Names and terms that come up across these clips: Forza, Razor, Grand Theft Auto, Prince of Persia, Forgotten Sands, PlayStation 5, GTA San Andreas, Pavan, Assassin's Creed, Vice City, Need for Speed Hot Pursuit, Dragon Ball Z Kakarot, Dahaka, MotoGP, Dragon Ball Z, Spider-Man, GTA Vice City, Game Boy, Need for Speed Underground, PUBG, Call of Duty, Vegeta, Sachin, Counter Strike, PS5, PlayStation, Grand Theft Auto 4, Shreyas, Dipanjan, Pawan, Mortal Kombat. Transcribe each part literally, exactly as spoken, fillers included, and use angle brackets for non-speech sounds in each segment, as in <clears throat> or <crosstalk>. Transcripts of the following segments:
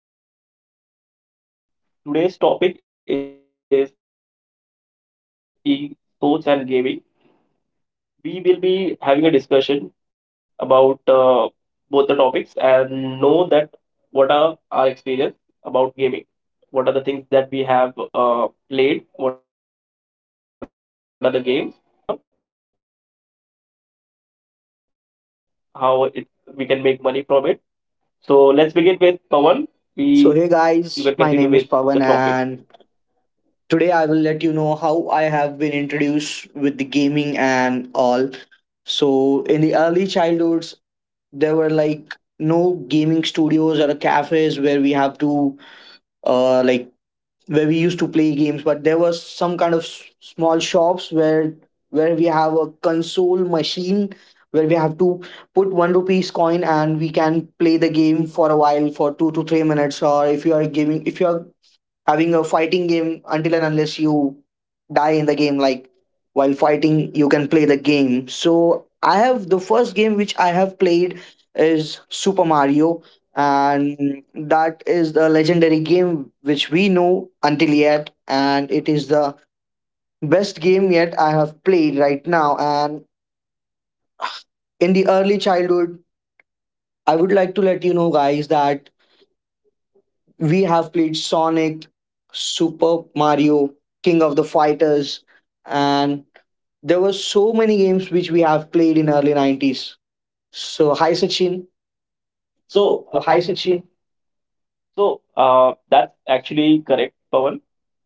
Hey everyone, good evening. We have uh, Pawan and Shreyas with us. Today's topic is e-sports and gaming. We will be having a discussion about uh, both the topics and know that what are our experience about gaming. What are the things that we have uh, played? What are the games? And uh, how esports can be a career? How it, we can make money from it? So let's begin with Pawan. We So hey you can continue guys, with my name the is topic. Pavan and today I will let you know how I have been introduced with the gaming and all. So in the early childhoods there were like no gaming studios or cafes where we have to uh like where we used to play games, but there was some kind of s- small shops where where we have a console machine where we have to put one rupees coin, and we can play the game for a while for two to three minutes. Or if you are giving, if you are having a fighting game, until and unless you die in the game, like while fighting, you can play the game. So I have the first game which I have played is Super Mario, and that is the legendary game which we know until yet, and it is the best game yet I have played right now. And in the early childhood, I would like to let you know guys that we have played Sonic, Super Mario, King of the Fighters, and there were so many games which we have played in early nineties. So hi Sachin. So So, hi Sachin. So uh, that's actually correct, Pawan.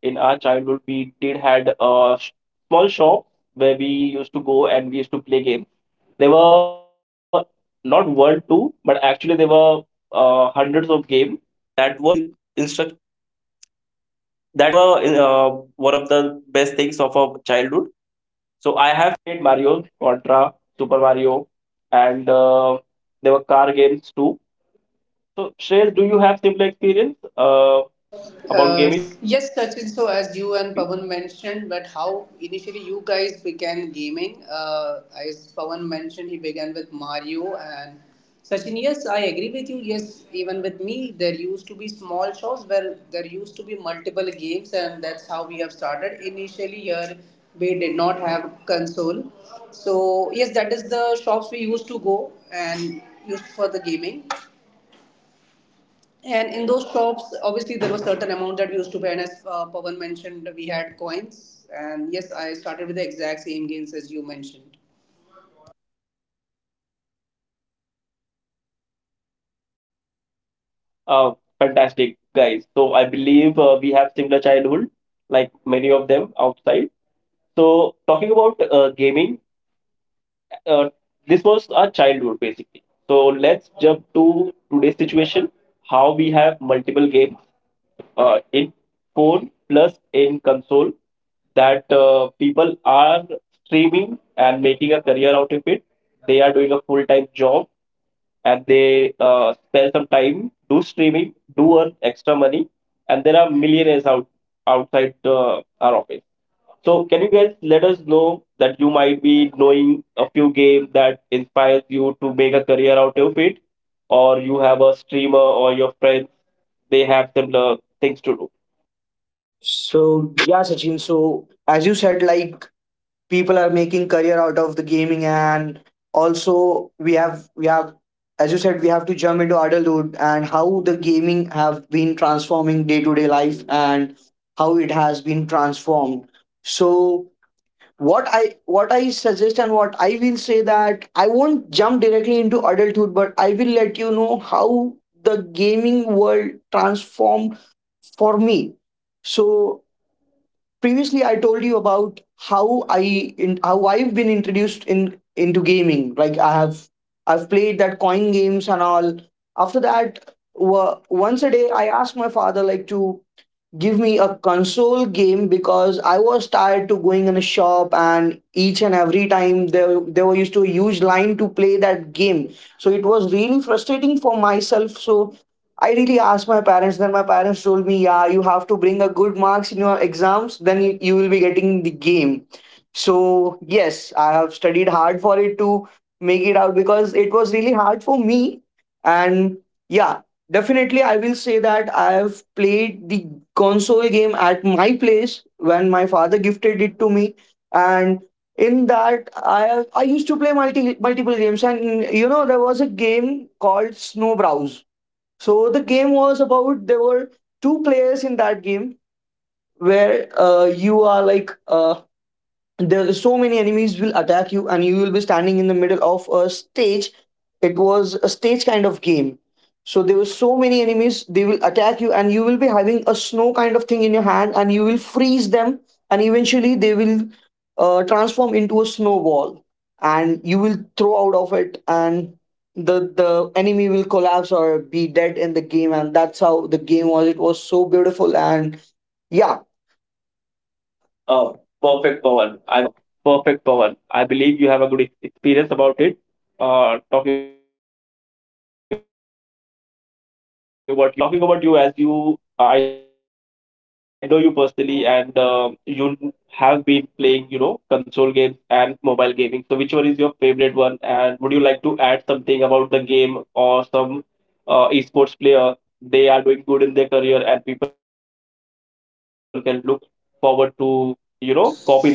In our childhood, we did had a sh- small shop where we used to go and we used to play games. They were not World Two, but actually there were uh, hundreds of games. And uh, there were car games too. So, Shreyas, do you have similar experience uh, about Uh, gaming? yes, Sachin. So, as you and Uh, Pawan mentioned, that how initially you guys began gaming. Uh, as Pawan mentioned, he began with Mario and Sachin. Yes, I agree with you. Yes, even with me, there used to be small shops where there used to be multiple games, and that's how we have started. Initially, here we did not have console, so yes, that is the shops we used to go and used for the gaming. And in those shops, obviously there was certain amount that we used to pay, and as uh, Pawan mentioned, we had coins. And yes, I started with the exact same gains as you mentioned. uh, Fantastic, guys. So, I believe uh, we have similar childhood, like many of them outside. So, talking about uh, gaming, uh, this was our childhood basically. So, let's jump to today's situation, how we have multiple games uh, in phone plus in console, that uh, people are streaming and making a career out of it. They are doing a full time job and they uh, spare some time, do streaming, do earn extra money, and there are millionaires out outside uh, our office. So, can you guys let us know that you might be knowing a few games that inspires you to make a career out of it, or you have a streamer or your friend they have similar things to do? so yeah Sachin, so as you said, like people are making career out of the gaming, and also we have we have as you said, we have to jump into adulthood, and how the gaming have been transforming day to day life and how it has been transformed. So what i what i suggest and what I will say that I won't jump directly into adulthood, but I will let you know how the gaming world transformed for me. So previously I told you about how i in, how I've been introduced in into gaming, like i have I've played that coin games and all. After that, wa- once a day I asked my father like to give me a console game because I was tired to going in a shop, and each and every time there there were used to a huge line to play that game. So it was really frustrating for myself. So I really asked my parents. Then my parents told me, "Yeah, you have to bring a good marks in your exams. Then you, you will be getting the game." So yes, I have studied hard for it to make it out because it was really hard for me. And yeah, definitely, I will say that I have played the console game at my place when my father gifted it to me, and in that I have, I used to play multi multiple games. And you know, there was a game called Snowbrows. So the game was about, there were two players in that game where uh, you are like, uh, there so many enemies will attack you, and you will be standing in the middle of a stage. It was a stage kind of game. So there were so many enemies, they will attack you, and you will be having a snow kind of thing in your hand, and you will freeze them, and eventually they will uh, transform into a snowball, and you will throw out of it, and the the enemy will collapse or be dead in the game. And that's how the game was. It was so beautiful. And yeah, Beautiful. And oh, perfect, Pawan. I uh, perfect, Pawan. I believe you have a good experience about it. Uh, talking about your childhood, how did you get your game? Shreyas, uh, talking about you, as you, uh, I know you personally, and uh, you have been playing, you know, console games and mobile gaming. So, which one is your favorite one? And would you like to add something about the game or some uh, esports player? They are doing good in their career, and people can look forward to, you know, copy them and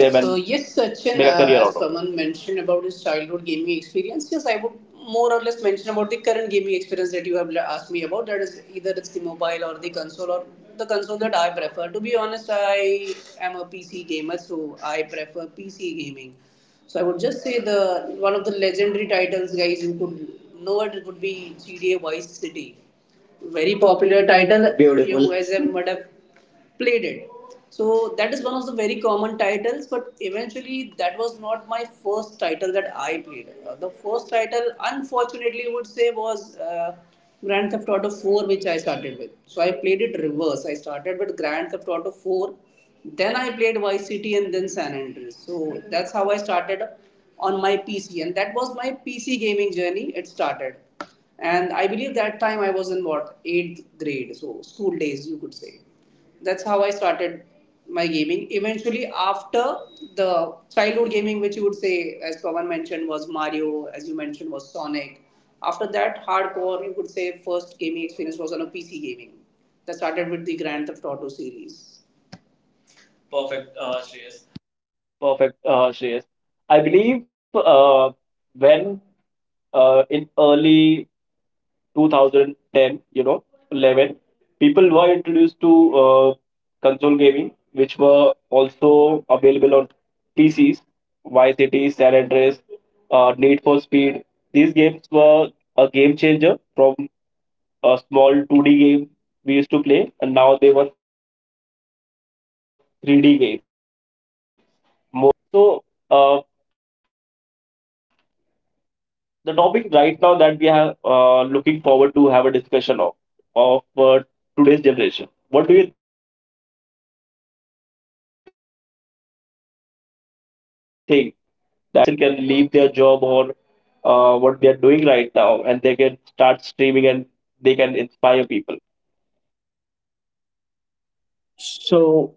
Uh, a So career out yes, of it. Sachin, uh, as Paman mentioned about his childhood gaming experience, yes, I would more or less mention about the current gaming experience that you have le- asked me about. That is either it's the mobile or the console or the console that I prefer. To be honest, I am a P C gamer, so I prefer P C gaming. So I would just say the one of the legendary titles, guys, you could know it would be G T A Vice City, very very popular popular title. title. Beautiful. Beautiful. You guys have might have plated. So that is one of the very common titles, but eventually that was not my first title that I played. Uh, the first title, unfortunately, I would say was uh, Grand Theft Auto four, which I started with. So I played it reverse. I started with Grand Theft Auto four, then I played Vice City and then San Andreas. So that's how I started on my P C, and that was my P C gaming journey. It started, and I believe that time I was in what eighth grade, so school days you could say. That's how I started my gaming. Eventually, after the childhood gaming, which you would say, as Pawan mentioned, was Mario, as you mentioned, was Sonic. After that, hardcore, you could say, first gaming experience was on a P C gaming. That started with the Grand Theft Auto series. Perfect, uh, Shreyas. Perfect, uh, Shreyas. I believe uh, when uh, in early two thousand ten, you know, eleven, people were introduced to uh, console gaming, which were also available on P Cs, Vice City, San Andreas, uh, Need for Speed. These games were a game changer from a small two D game we used to play, and now they were three D games, more of uh, excitement and experience that we all had. So, uh, the topic right now that we are uh, looking forward to have a discussion of of uh, today's generation. What do you think that uh, can gaming change uh, someone's life, and uh, can a person can leave their job or uh, what they are doing right now, and they can start streaming and they can inspire people? So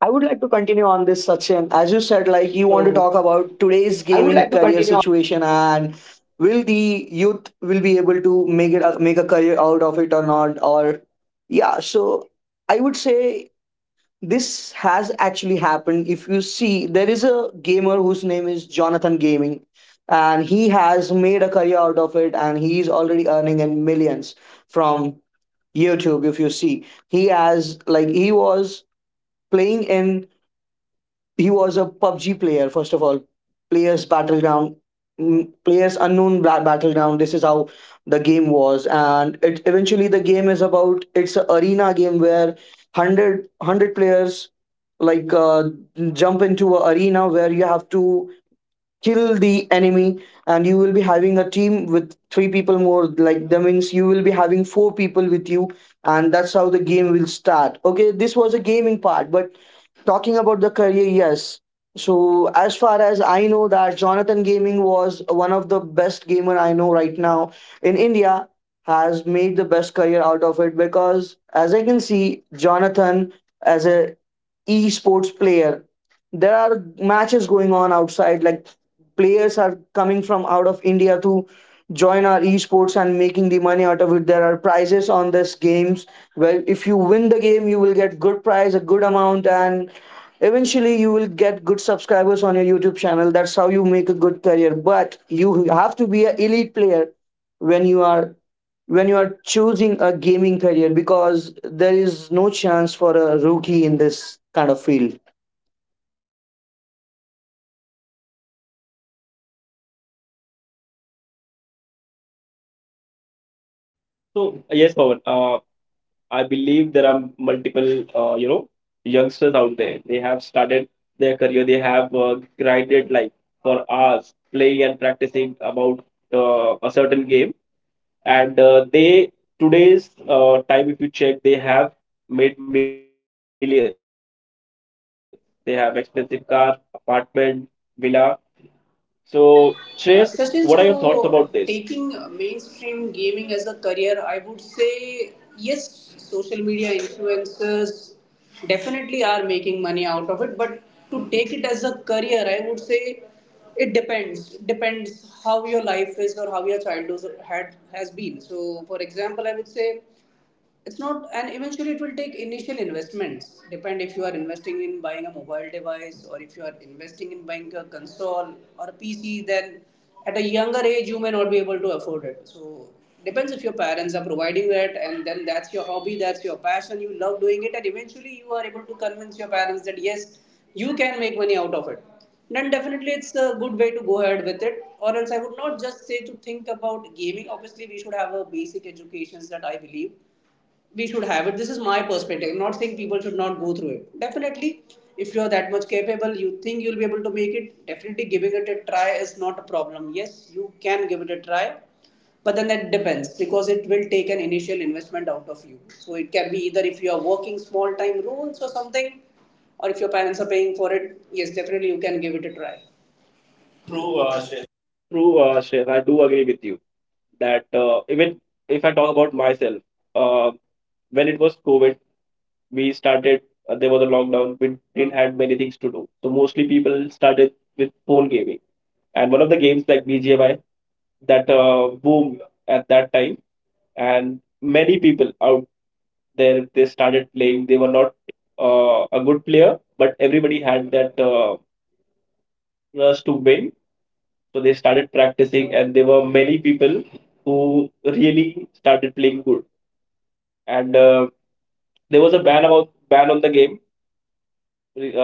I would like to continue on this, Sachin. As you said, like you want to talk about today's gaming career situation and will the youth will be able to make it make a career out of it or not? Or yeah, so I would say this has actually happened. If you see, there is a gamer whose name is Jonathan Gaming, and he has made a career out of it, and he is already earning in millions from YouTube. If you see, he has like he was playing in, he was a PUBG player first of all, players battleground, mm, players unknown Bla- battleground. This is how the game was, and it eventually the game is about, it's an arena game where one hundred players like uh, jump into an arena where you have to kill the enemy, and you will be having a team with three people more, like that means you will be having four people with you. And that's how the game will start. Okay, this was a gaming part, but talking about the career, yes. So as far as I know that Jonathan Gaming was one of the best gamer I know right now in India, has made the best career out of it because as I can see, Jonathan as a esports player, there are matches going on outside, like players are coming from out of India to join our esports and making the money out of it. There are prizes on this games where if you win the game, you will get good prize, a good amount. And eventually you will get good subscribers on your YouTube channel. That's how you make a good career, but you have to be an elite player when you are when you are choosing a gaming career because there is no chance for a rookie in this kind of field. So yes, Pawan, I believe there are multiple, uh, you know, youngsters out there. They have started their career. They have uh, grinded like for hours, playing and practicing about uh, a certain game. And uh, they today's uh, time, if you check, they have made millions. They have expensive car, apartment, villa. So, Shreyas, what are your thoughts about this? Uh, Sachin, so taking uh, mainstream gaming as a career, I would say yes, social media influencers definitely are making money out of it, but to take it as a career, I would say it depends. Depends how your life is or how your childhood had has been. So, for example, I would say it's not, and eventually it will take initial investments. Depend if you are investing in buying a mobile device, or if you are investing in buying a console or a PC, then at a younger age you may not be able to afford it. So depends if your parents are providing that, and then that's your hobby, that's your passion, you love doing it, and eventually you are able to convince your parents that yes, you can make money out of it, then definitely it's a good way to go ahead with it. Or else I would not just say to think about gaming. Obviously we should have a basic education, that I believe we should have it. This is my perspective. I'm not saying people should not go through it. Definitely, if you're that much capable, you think you'll be able to make it, definitely giving it a try is not a problem. Yes, you can give it a try, but then that depends, because it will take an initial investment out of you. So it can be either if you are working small time roles or something, or if your parents are paying for it, yes, definitely you can give it a try. True. uh, True, uh, Shreyas, I do agree with you that uh, even if I talk about myself, uh, when it was COVID, we started. Uh, there was a lockdown. We didn't had many things to do, so mostly people started with phone gaming. And one of the games like B G M I that uh, boomed at that time, and many people out there they started playing. They were not uh, a good player, but everybody had that uh, rush to win. So they started practicing, and there were many people who really started playing good, and uh, there was a ban about ban on the game,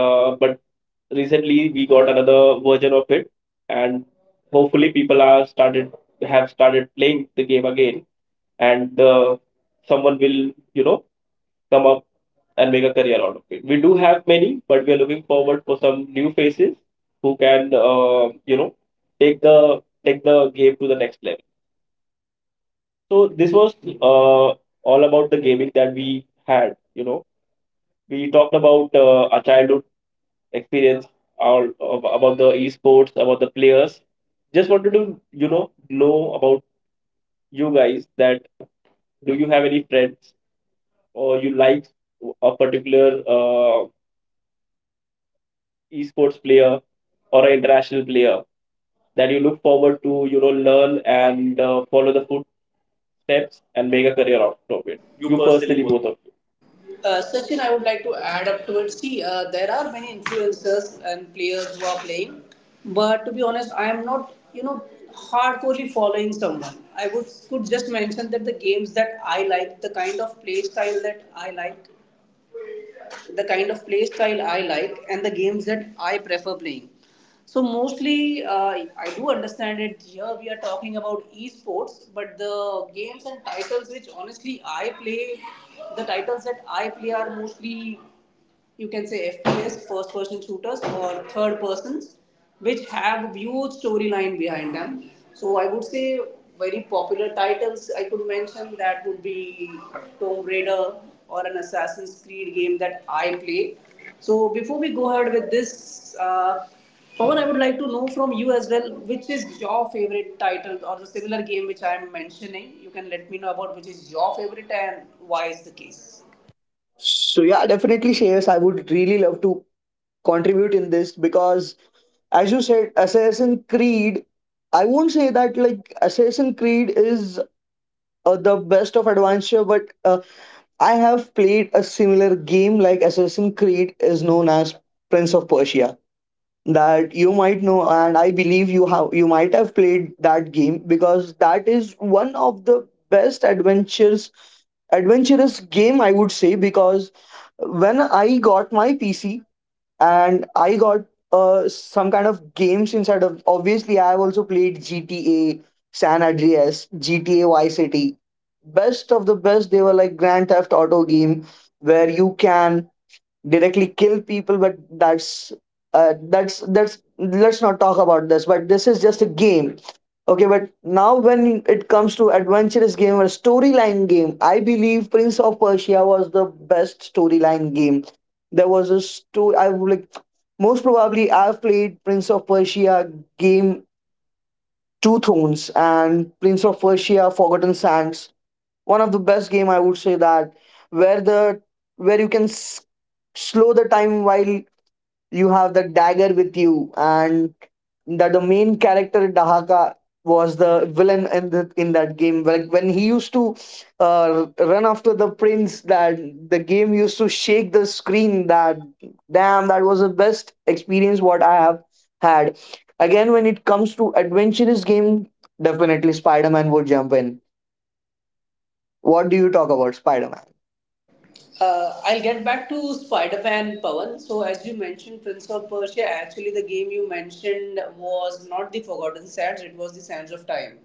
uh, but recently we got another version of it, and hopefully people are started have started playing the game again, and uh, someone will, you know, come up and make a career out of it. We do have many, but we are looking forward for some new faces who can, uh, you know, take the take the game to the next level. So this was, uh, all about the gaming that we had. You know, we talked about uh, our childhood experience, our, of, about the esports, about the players. Just wanted to, you know know about you guys, that do you have any friends, or you like a particular uh, esports player or an international player that you look forward to, you know, learn and uh, follow the footsteps and make a career out of it, You you personally personally, both of you. Uh, Sachin, I would like to add up to it. See, uh, there are many influencers and players who are playing, but to be honest, I am not, you know, hardcorely following someone. I would could just mention that the games that I like, the kind of play style that I like, the kind of play style I like, and the games that I prefer playing. So mostly, uh, I do understand it. Here we are talking about esports, but the games and titles which honestly I play, the titles that I play are mostly, you can say, F P S, first person shooters, or third persons, which have huge storyline behind them. So I would say very popular titles I could mention, that would be Tomb Raider or an Assassin's Creed game that I play. So before we go ahead with this, uh, Pawan, I would like to know from you as well, which is your favorite title or the similar game which I am mentioning. You can let me know about which is your favorite and why is the case. So yeah, definitely Shreyas, I would really love to contribute in this because as you said, Assassin Creed, I won't say that like Assassin Creed is uh, the best of adventure, but uh, I have played a similar game like Assassin Creed is known as Prince of Persia, that you might know, and I believe you have you might have played that game because that is one of the best adventures adventurous game, I would say. Because when I got my PC, and I got uh, some kind of games inside of, obviously I have also played GTA San Andreas, GTA Vice City, best of the best. They were like Grand Theft Auto game where you can directly kill people. But that's uh, that's that's let's not talk about this, but this is just a game. Okay, but now when it comes to adventurous game or storyline game, I believe Prince of Persia was the best storyline game. There was a story I would like. Most probably I've played Prince of Persia game Two Thrones and Prince of Persia Forgotten Sands. One of the best game, I would say, that where the where you can s- slow the time while you have the dagger with you. And that the main character Dahaka was the villain in the, in that game, like when he used to uh, run after the prince, that the game used to shake the screen. That damn, that was the best experience what I have had. Again, when it comes to adventurous game, definitely Spider-Man would jump in. What do you talk about Spider Man? Uh, I'll get back to Spider-Man, Pawan. So as you mentioned, Prince of Persia. Actually, the game you mentioned was not the Forgotten Sands; it was the Sands of Time.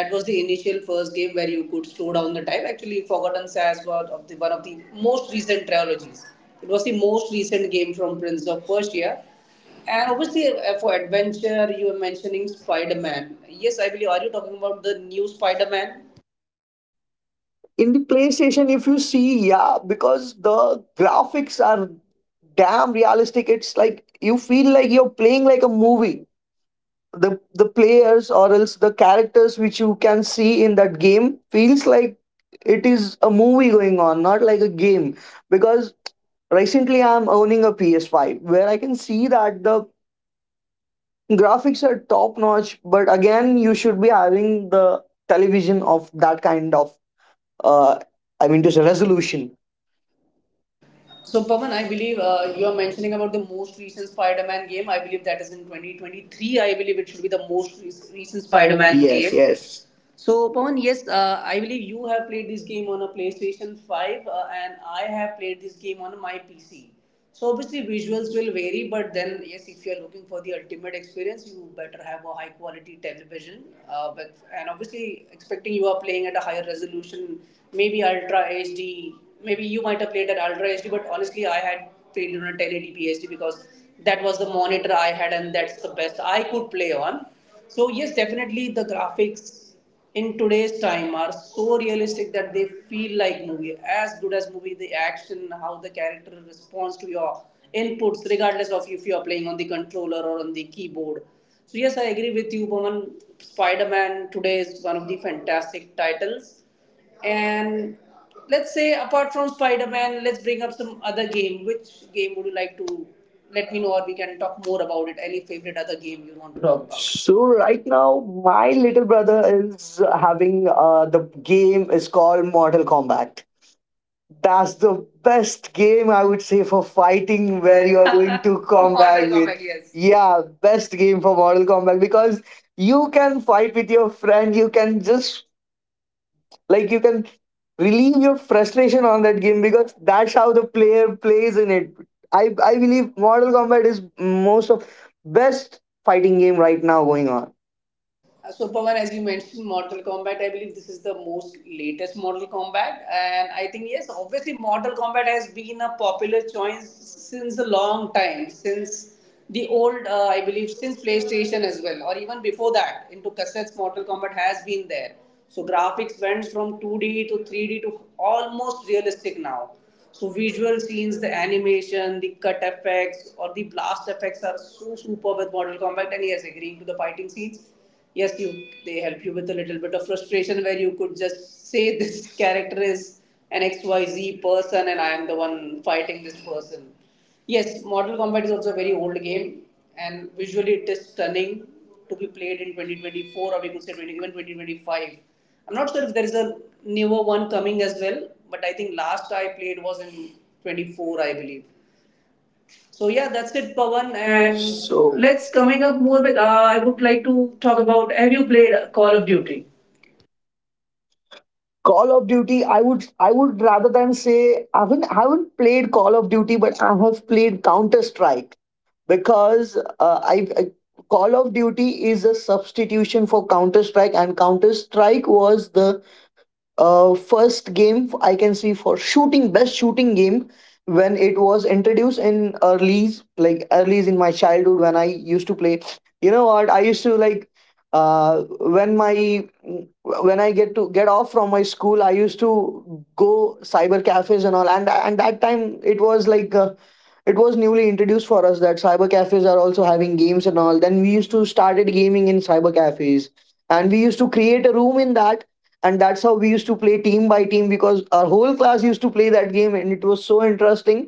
That was the initial first game where you could slow down the time. Actually, Forgotten Sands was of the one of the most recent trilogies. It was the most recent game from Prince of Persia. And obviously, uh, for adventure, you were mentioning Spider Man. Yes, I believe. Are you talking about the new Spider Man? In the PlayStation, if you see, yeah, because the graphics are damn realistic. It's like you feel like you're playing like a movie. The the players or else the characters which you can see in that game feels like it is a movie going on, not like a game. Because recently I'm owning a P S five where I can see that the graphics are top notch. But again, you should be having the television of that kind of, uh, I mean, just a resolution. So, Pawan, I believe uh, you are mentioning about the most recent Spider Man game. I believe that is in twenty twenty-three. I believe it should be the most re- The recent Spider Man Spider-Man. Yes, Yes, game game. yes. Yes. So, Pawan, yes, uh, I believe you have played this game on a PlayStation five, uh, and I have played this game on my P C. So, obviously, visuals will vary, but then, yes, if you're looking for the ultimate experience, you better have a high quality television. Uh, but, and obviously, expecting you are playing at a higher resolution, maybe Ultra H D, maybe you might have played at Ultra H D, but honestly, I had played on a ten eighty p H D, because that was the monitor I had, and that's the best I could play on. So yes, definitely the graphics in today's time are so realistic that they feel like movie, as good as movie. The action, how the character responds to your inputs, regardless of if you are playing on the controller or on the keyboard. So yes, I agree with you, Boman. Spider-Man today is one of the fantastic titles, and let's say apart from Spider-Man, let's bring up some other game. Which game would you like to let me know? Or we can talk more about it. Any favorite other game you On want the to talk top. about? So right now, my little brother is having uh, the game is called Mortal Kombat. That's the best game I would say for fighting where you are <laughs> going mortal to kombat Mortal combat Kombat, with. yes. Yeah, best game for Mortal Kombat because you can fight with your friend. You can just like you can relieve your frustration on that game because that's how the player plays in it. I i believe Mortal Kombat is most of best fighting game right now going on. Uh, So Pawan, as you mentioned, Mortal Kombat. I believe this is the most latest Mortal Kombat, and I think yes, obviously Mortal Kombat has been a popular choice since a long time, since the old, uh, I believe, since PlayStation as well, or even before that, into cassettes. Mortal Kombat has been there. So graphics went from two D to three D to almost realistic now. So visual scenes, the animation, the cut effects or the blast effects are so super with Mortal Kombat. And yes, agreeing to the fighting scenes, yes, you they help you with a little bit of frustration, where you could just say this <laughs> character is an X Y Z person and I am the one fighting this person. Yes, Mortal Kombat is also a very old game, and visually it is stunning to be played in twenty twenty-four, or we could say 20, even twenty twenty-five. I'm not sure if there is a newer one coming as well, but I think last I played was in twenty-four, I believe. So yeah, that's it, One Pawan, and and so let's let's coming coming up up more more with, with. uh, Uh, I I would would like like to to talk talk about, about. have Have you you played played Call Call of of Duty? Duty? Call of Duty, i would I would rather than say, i haven't I haven't played Call of Duty, but I have played Counter Strike. Because uh, I, I Call of Duty is a substitution for Counter Strike, and Counter Strike was the uh, first game I can see for shooting, best shooting game when it was introduced in earlys, like earlys in my childhood when I used to play. You know what? I used to like uh when my when I get to get off from my school, I used to go cyber cafes and all. And and that time it was like. Uh, it was newly introduced for us that cyber cafes are also having games and all, then we used to started gaming in cyber cafes, and we used to create a room in that, and that's how we used to play team by team because our whole class used to play that game and it was so interesting.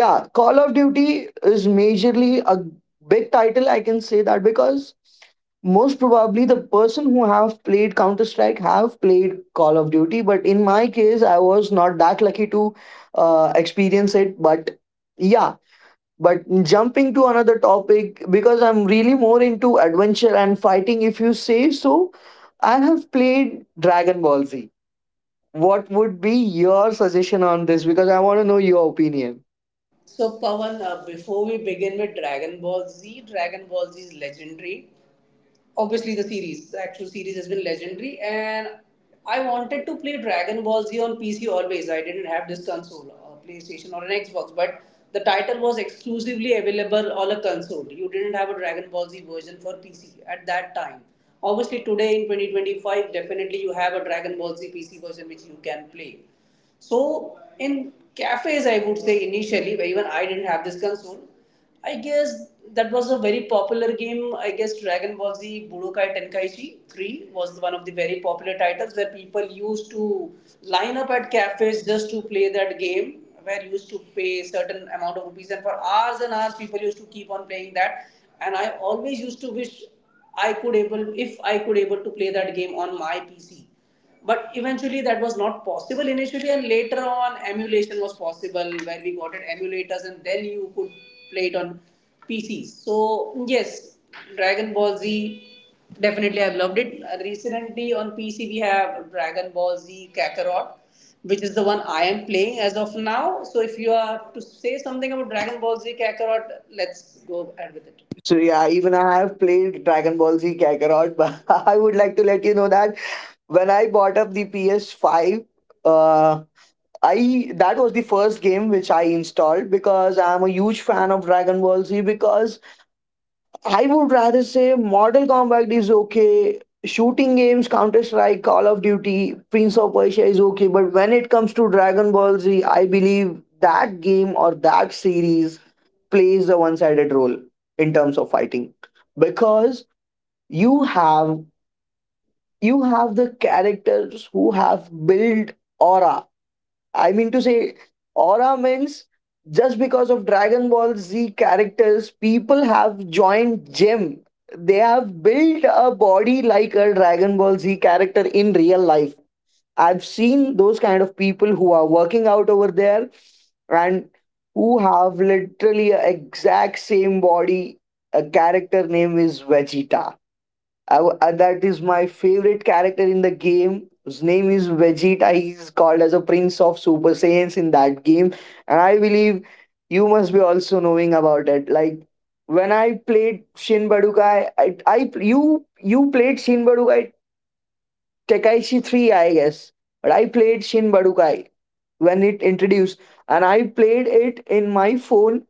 Yeah, Call of Duty is majorly a big title, I can say that, because most probably the person who have played Counter Strike have played Call of Duty, but in my case I was not that lucky to uh, experience it, but yeah. But jumping to another topic, because I'm really more into adventure and fighting, if you say so, I have played Dragon Ball Z. What would be your suggestion on this? Because I want to know your opinion. So, Pawan, uh, before we begin with Dragon Ball Z, Dragon Ball Z is legendary. Obviously the series, the actual series has been legendary, and I wanted to play Dragon Ball Z on PC always. I didn't have this console, a PlayStation or an Xbox, but the title was exclusively available on a console. You didn't have a Dragon Ball Z version for PC at that time. Obviously today in twenty twenty-five, definitely you have a Dragon Ball Z PC version which you can play. So in cafes, I would say initially, where even I didn't have this console, I guess that was a very popular game. I guess Dragon Ball Z Budokai Tenkaichi three was one of the very popular titles where people used to line up at cafes just to play that game. Where you used to pay certain amount of rupees, and for hours and hours, people used to keep on playing that. And I always used to wish I could able if I could able to play that game on my P C, but eventually, that was not possible initially, and later on, emulation was possible where we got it emulators, and then you could play it on P Cs. So yes, Dragon Ball Z definitely I've loved it. Uh, Recently, on P C, we have Dragon Ball Z Kakarot, which is the one I am playing as of now. So, if you have to say something about Dragon Ball Z Kakarot, let's go ahead with it. So yeah, even I have played Dragon Ball Z Kakarot, but <laughs> I would like to let you know that when I bought up the P S five, uh, I that was the first game which I installed, because I'm a huge fan of Dragon Ball Z. Because I would rather say Mortal Kombat is okay, shooting games, Counter Strike, Call of Duty, Prince of Persia is okay. But when it comes to Dragon Ball Z, I believe that game or that series plays a one sided role in terms of fighting, because you have you have the characters who have built aura. I mean to say, aura means, just because of Dragon Ball Z characters, people have joined gym. They have built a body like a Dragon Ball Z character in real life. I've seen those kind of people who are working out over there, and who have literally a exact same body. A character name is Vegeta. I w- uh, that is my favorite character in the game. His name is Vegeta. He is called as a Prince of Super Saiyans in that game, and I believe you must be also knowing about it. Like when I played Shin Budokai, I, I you you played Shin Budokai Tekaishi Three, I guess, but I played Shin Budokai when it introduced, and I played it in my phone.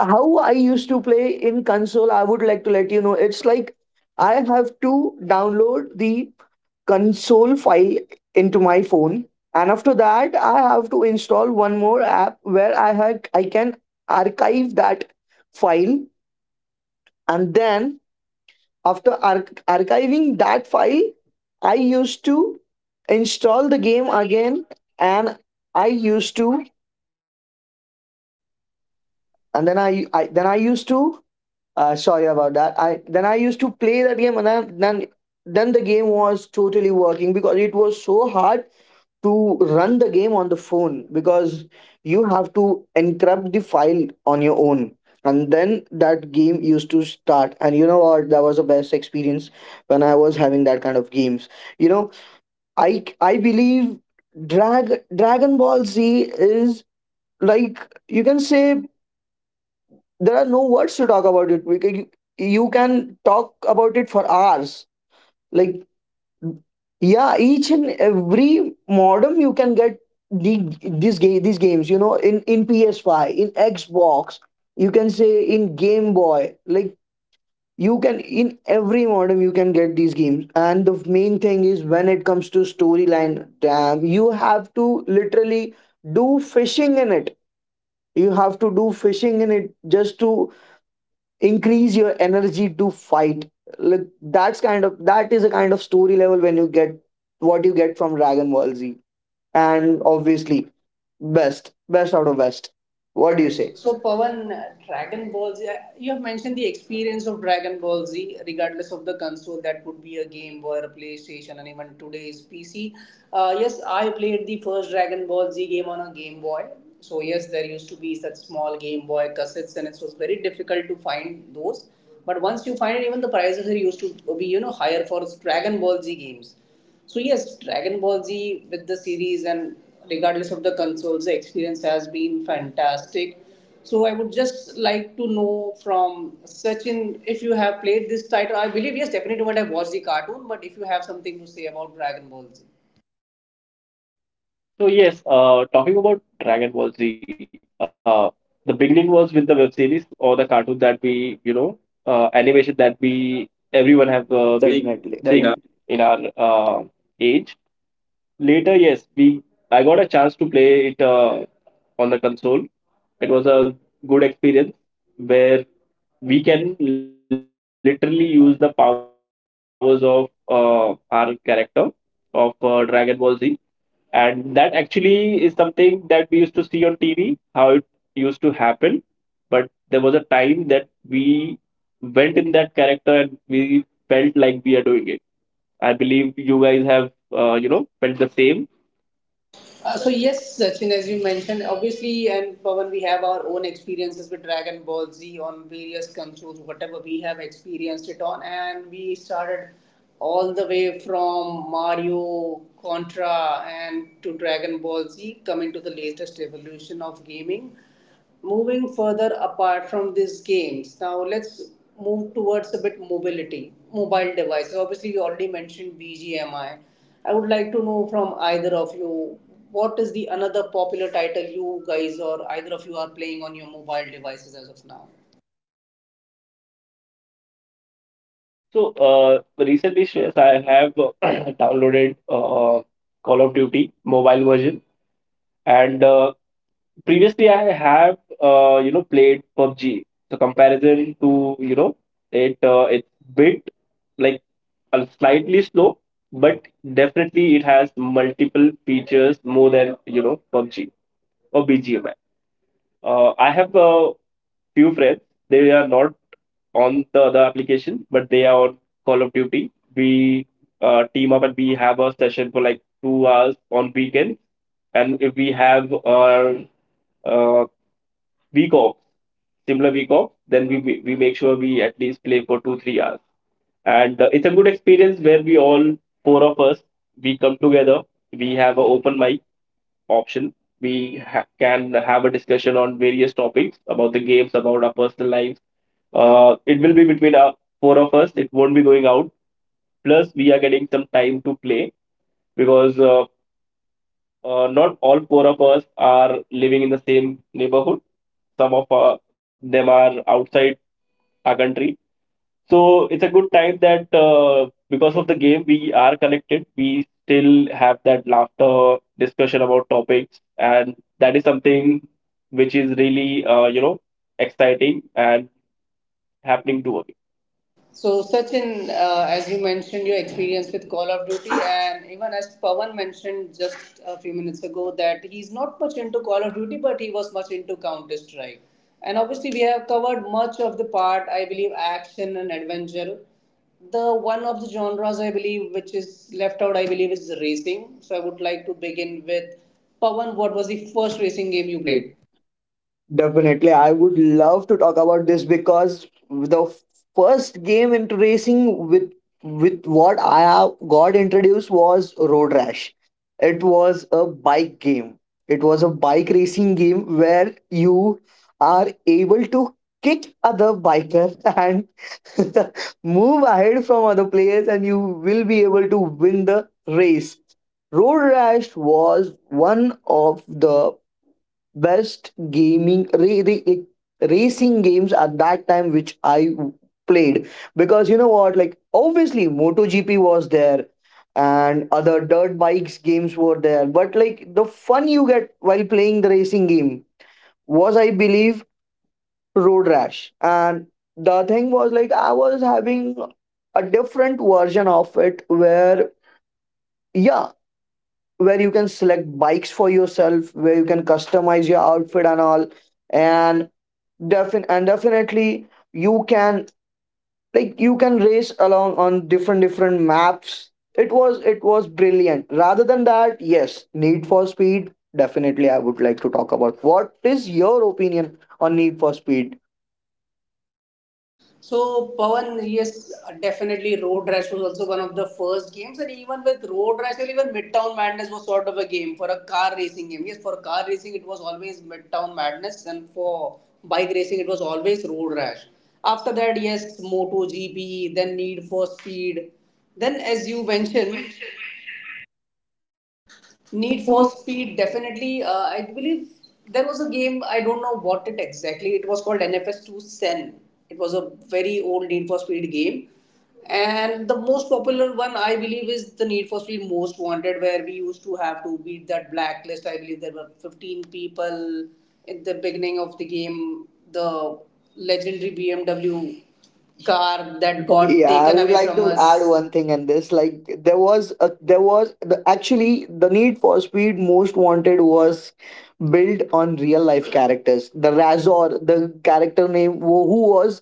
How I used to play in console, I would like to let you know. It's like I have to download the console file into my phone, and after that, I have to install one more app where I had I can archive that file, and then after arch- archiving that file, I used to install the game again, and I used to, and then I, I then I used to Uh, sorry about that. I then I used to play that game, and then then then the game was totally working, because it was so hard to run the game on the phone, because you have to encrypt the file on your own. And then that game used to start, and you know what? That was the best experience when I was having that kind of games. You know, I I believe Drag Dragon Ball Z is, like, you can say, there are no words to talk about it. We can, you, you can talk about it for hours. Like, yeah, each and every modem you can get the, this game, these games, you know, in in P S five, in Xbox, you can say in Game Boy, like, you can, in every modem you can get these games. And the main thing is, when it comes to storyline, damn, you have to literally do fishing in it. You have to do fishing in it just to increase your energy to fight. Like, that's kind of that is a kind of story level, when you get what you get from Dragon Ball Z. And obviously, best, best out of best. What do you say? Say. So, So, Pawan, uh, Dragon Ball Z, uh, you have mentioned the experience of Dragon Ball Z, regardless of the console, that would be a game Boy, a PlayStation, and even today's P C. Uh, yes, I played the first Dragon Ball Z game on a Game Boy. So, yes, there used to be such small Game Boy cassettes, and it was very difficult to find those. But once you find it, even the prices are used to be, you know, higher for Dragon Ball Z games. So yes, Dragon Ball Z with the series and regardless of the consoles, the experience has been fantastic. So I would just like to know from Sachin if you have played this title. I believe yes, definitely you might have watched the cartoon, but if you have something to say about Dragon Ball Z. So yes, uh, talking about Dragon Ball Z, uh, the beginning was with the web series or the cartoon that we, you know, uh, animation that we everyone we- have uh, been definitely. seeing. In Definitely. In our uh, age. Later, yes, we I got a chance to play it uh, on the console. It was a good experience where we can literally use the powers of uh, our character of uh, Dragon Ball Z, and that actually is something that we used to see on T V, how it used to happen. But there was a time that we went in that character and we felt like we are doing it. I believe you guys have uh, you know felt the same. Uh, so yes, Sachin, as you mentioned, obviously, and Pawan, we have our own experiences with Dragon Ball Z on various consoles, whatever we have experienced it on, and we started all the way from Mario, Contra, and to Dragon Ball Z, coming to the latest evolution of gaming. Moving further apart from these games, now let's move towards a bit mobility, mobile devices. Obviously, we already mentioned B G M I. I I would like to know from either of you, what is the another popular title you guys or either of you are playing on your mobile devices as of now? So uh, recently, Shreyas, I have uh, <clears throat> downloaded uh, Call of Duty mobile version, and uh, previously I have uh, you know played PUBG. So, comparison to you know it uh, it's bit like uh, slightly slow, but definitely it has multiple features more than you know PUBG or B G M I. Uh, I have a few friends. They are not on the other application, but they are on Call of Duty. We uh, team up and we have a session for like two hours on weekends, and if we have our uh, week off, similar week off, then we we we make sure we at least play for two three hours, and uh, it's a good experience where we all, four of us, we come together. We have an open mic option. We ha- can have a discussion on various topics, about the games, about our personal lives. Uh, it will be between our four of us, it won't be going out. Plus we are getting some time to play, because uh, uh, not all four of us are living in the same neighborhood. Some of uh, them are outside our country. So it's a good time that, uh, because of the game, we are connected. We still have that laughter discussion about topics, and that is something which is really, uh, you know, exciting and happening to us. So, Sachin, uh, as you mentioned, your experience with Call of Duty, and even as Pawan mentioned just a few minutes ago, that he's not much into Call of Duty, but he was much into Counter Strike. And obviously, we have covered much of the part, I believe, action and adventure. The one of the genres I believe which is left out, I believe, is racing. So, I would like to begin with Pawan. What was the first racing game a- you you played. played? Definitely, I would love to talk about this, because the first game into racing with with what I have got introduced was Road Rash. It was a bike game. It was a bike racing game where you are able to kick other biker and <laughs> move ahead from other players, and you will be able to win the race. Road Rash was one of the best gaming re, re, like, racing games at that time which I played, because, you know what, like, obviously MotoGP was there and other dirt bikes games were there, but like the fun you get while playing the racing game was, I believe, Road Rash. And the thing was, like, I was having a different version of it, where, yeah, where you can select bikes for yourself, where you can customize your outfit and all, and Defin and definitely you can, like, you can race along on different different maps. It was, it was brilliant. Rather than that, yes, Need for Speed. Definitely, I would like to talk about, what is your opinion on Need for Speed? So Pawan, yes, definitely Road Rash was also one of the first games, and even with Road Rash, and even Midtown Madness was sort of a game for a car racing game. Yes, for car racing it was always Midtown Madness, and for bike racing it was always Road Rash. After that, yes, MotoGP, then Need for Speed, then as you mentioned, Need for Speed, definitely. Uh, I believe there was a game, I don't know what it exactly, it was called N F S two Sen It was a very old Need for Speed game. And the most popular one, I believe, is the Need for Speed Most Wanted, where we used to have to beat that blacklist. I believe there were fifteen people in the beginning of the game. The legendary B M W car That that got got Yeah, I would like to add one thing in this. Like, there was a, there was the, actually the Need for Speed Most Wanted was built on real life characters. The Razor, the character name, who, who was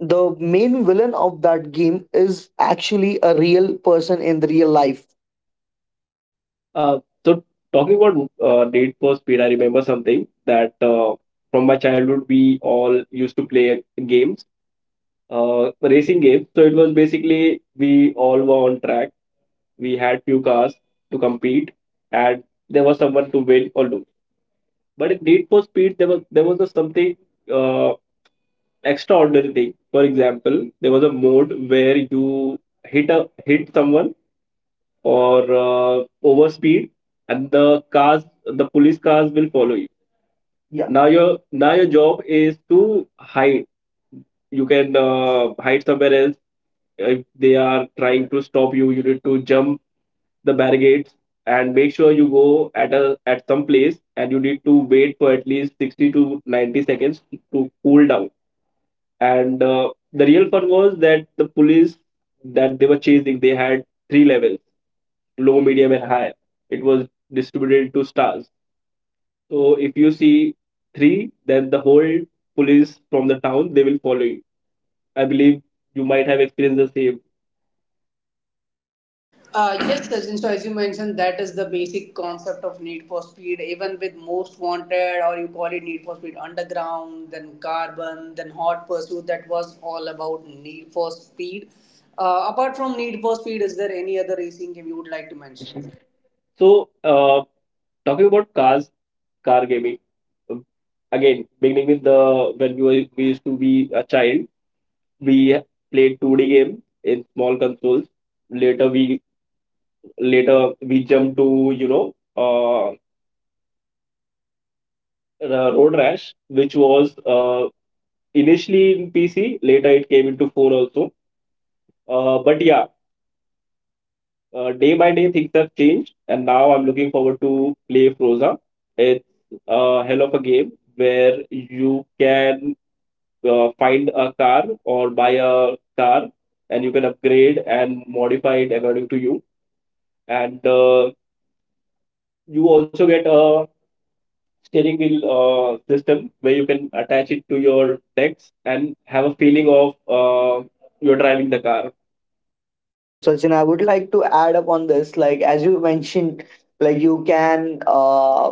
the main villain of that game, is actually a real person in the real life. Uh, so talking about uh, Need for Speed, I remember something that uh, from my childhood we all used to play games, uh, racing games. So it was basically we all were on track. We had few cars to compete, and there was someone to win or lose. But in Need for Speed, there was there was a something uh, extraordinary thing. For example, there was a mode where you hit a hit someone or uh, overspeed, and the cars, the police cars will follow you. Yeah. Now your now your job is to hide. You can uh, hide somewhere else. If they are trying to stop you, you need to jump the barricades and make sure you go at a at some place, and you need to wait for at least sixty to ninety seconds to cool down. And uh, the real fun was that the police that they were chasing, they had three levels: low, medium, and high. It was distributed into stars. So if you see three, then the whole police from the town, they will follow you. I believe you might have experienced the same. Uh, yes, Sachin. So, as you mentioned, that is the basic concept of Need for Speed. Even with Most Wanted, or you call it Need for Speed Underground, then Carbon, then Hot Pursuit, that was all about Need for Speed. Uh, apart from Need for Speed, is there any other racing game you would like to You mention? mentioned. So uh, talking about cars, car gaming, um, again, beginning with the when we, were, we used to be a child, we played two D game in small consoles. Later we later we jumped to, you know, uh, Ra- road rash, which was uh, initially in pc, later it came into phone also. Uh, but yeah, uh, day by day things have changed, and now I'm looking forward to play froza. It's a hell of a game where you can uh, find a car or buy a car, and you can upgrade and modify it according to you. And uh, you also get a steering wheel uh, system where you can attach it to your legs and have a feeling of uh, you're driving the car. So, Sachin, I would like to add up on this. Like, as you mentioned, like you can, uh,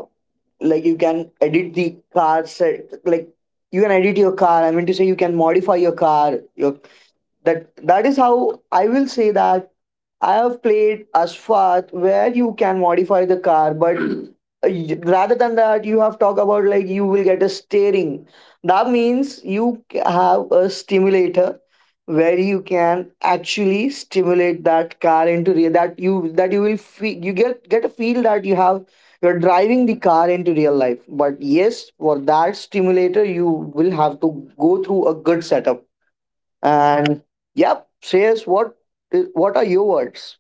like you can edit the car set. Like you can edit your car. I mean to say, you can modify your car. Your, that that is how I will say that I have played Asphalt, where you can modify the car, but <clears throat> uh, y- rather than that, you have talked about, like, you will get a steering. That means you c- have a stimulator, where you can actually stimulate that car into real, that you that you will feel, you get get a feel that you have, you're driving the car into real life. But yes, for that stimulator you will have to go through a good setup. And yep, says what what are your words?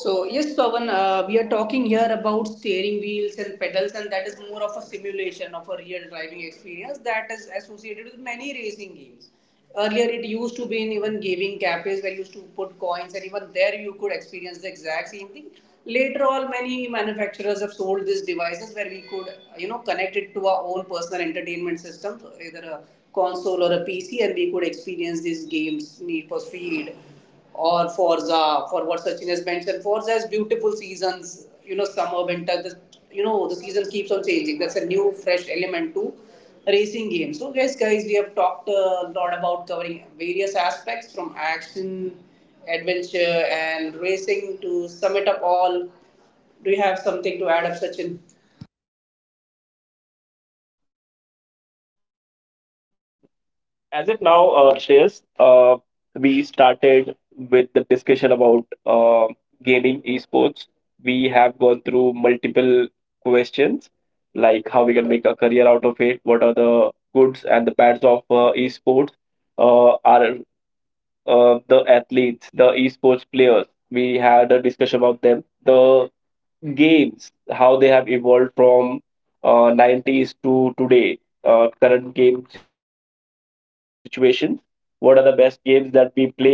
So yes, Pavan, uh, we are talking here about steering wheels and pedals, and that is more of a simulation of a real driving experience that is associated with many racing games. Earlier, it used to be in even gaming cafes where you used to put coins, and even there you could experience the exact same thing. Later on, many manufacturers have sold these devices where we could, uh, you know, connect it to our own personal entertainment system, so either a console or a P C, and we could experience these games, Need for Speed or Forza for what Sachin has mentioned. Forza has beautiful seasons, you know, summer, winter. The, you know, the season keeps on changing. That's a new, fresh element to racing games. So, yes, guys, we have talked a lot about covering various aspects from action, adventure, and racing to sum it up all. Do you have something to add up, Sachin? Uh, as of now, uh, Shreyas, uh, we started with the discussion about uh, gaming esports. We have gone through multiple questions like how we can make a career out of it, what are the goods and the bads of uh, esports, uh, are uh, the athletes, the esports players. We had a discussion about them, the games, how they have evolved from uh, nineties to today, uh, current game situations. What are the best games that we play uh, right now?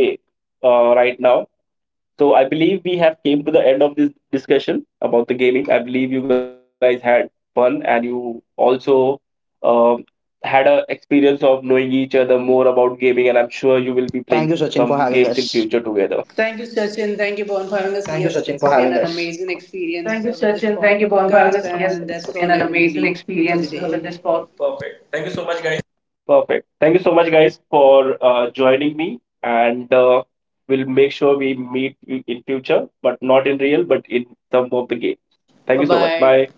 So I believe we have came to the end of this discussion about the gaming. I believe you guys had fun, and you also um had a experience of knowing each other more about gaming. And I'm sure you will be playing some games in future together. Thank you, Sachin, for having us. Thank you, Thank you, Sachin, for having Sachin. Thank us. you, Bon, for having us. Thank Yes, you, it's been Sachin. an Thank you, Pawan, amazing for having us. Yes, experience uh, it's with this been an amazing podcast, experience and uh, with that's this all I pod would believe for the day. Perfect. Thank for you the so much, day. guys. Perfect. Thank you so much, guys, for uh, joining me. And uh, we'll make sure we meet you in future, but not in real, but in some of the games. Thank Bye you so much. bye. Bye.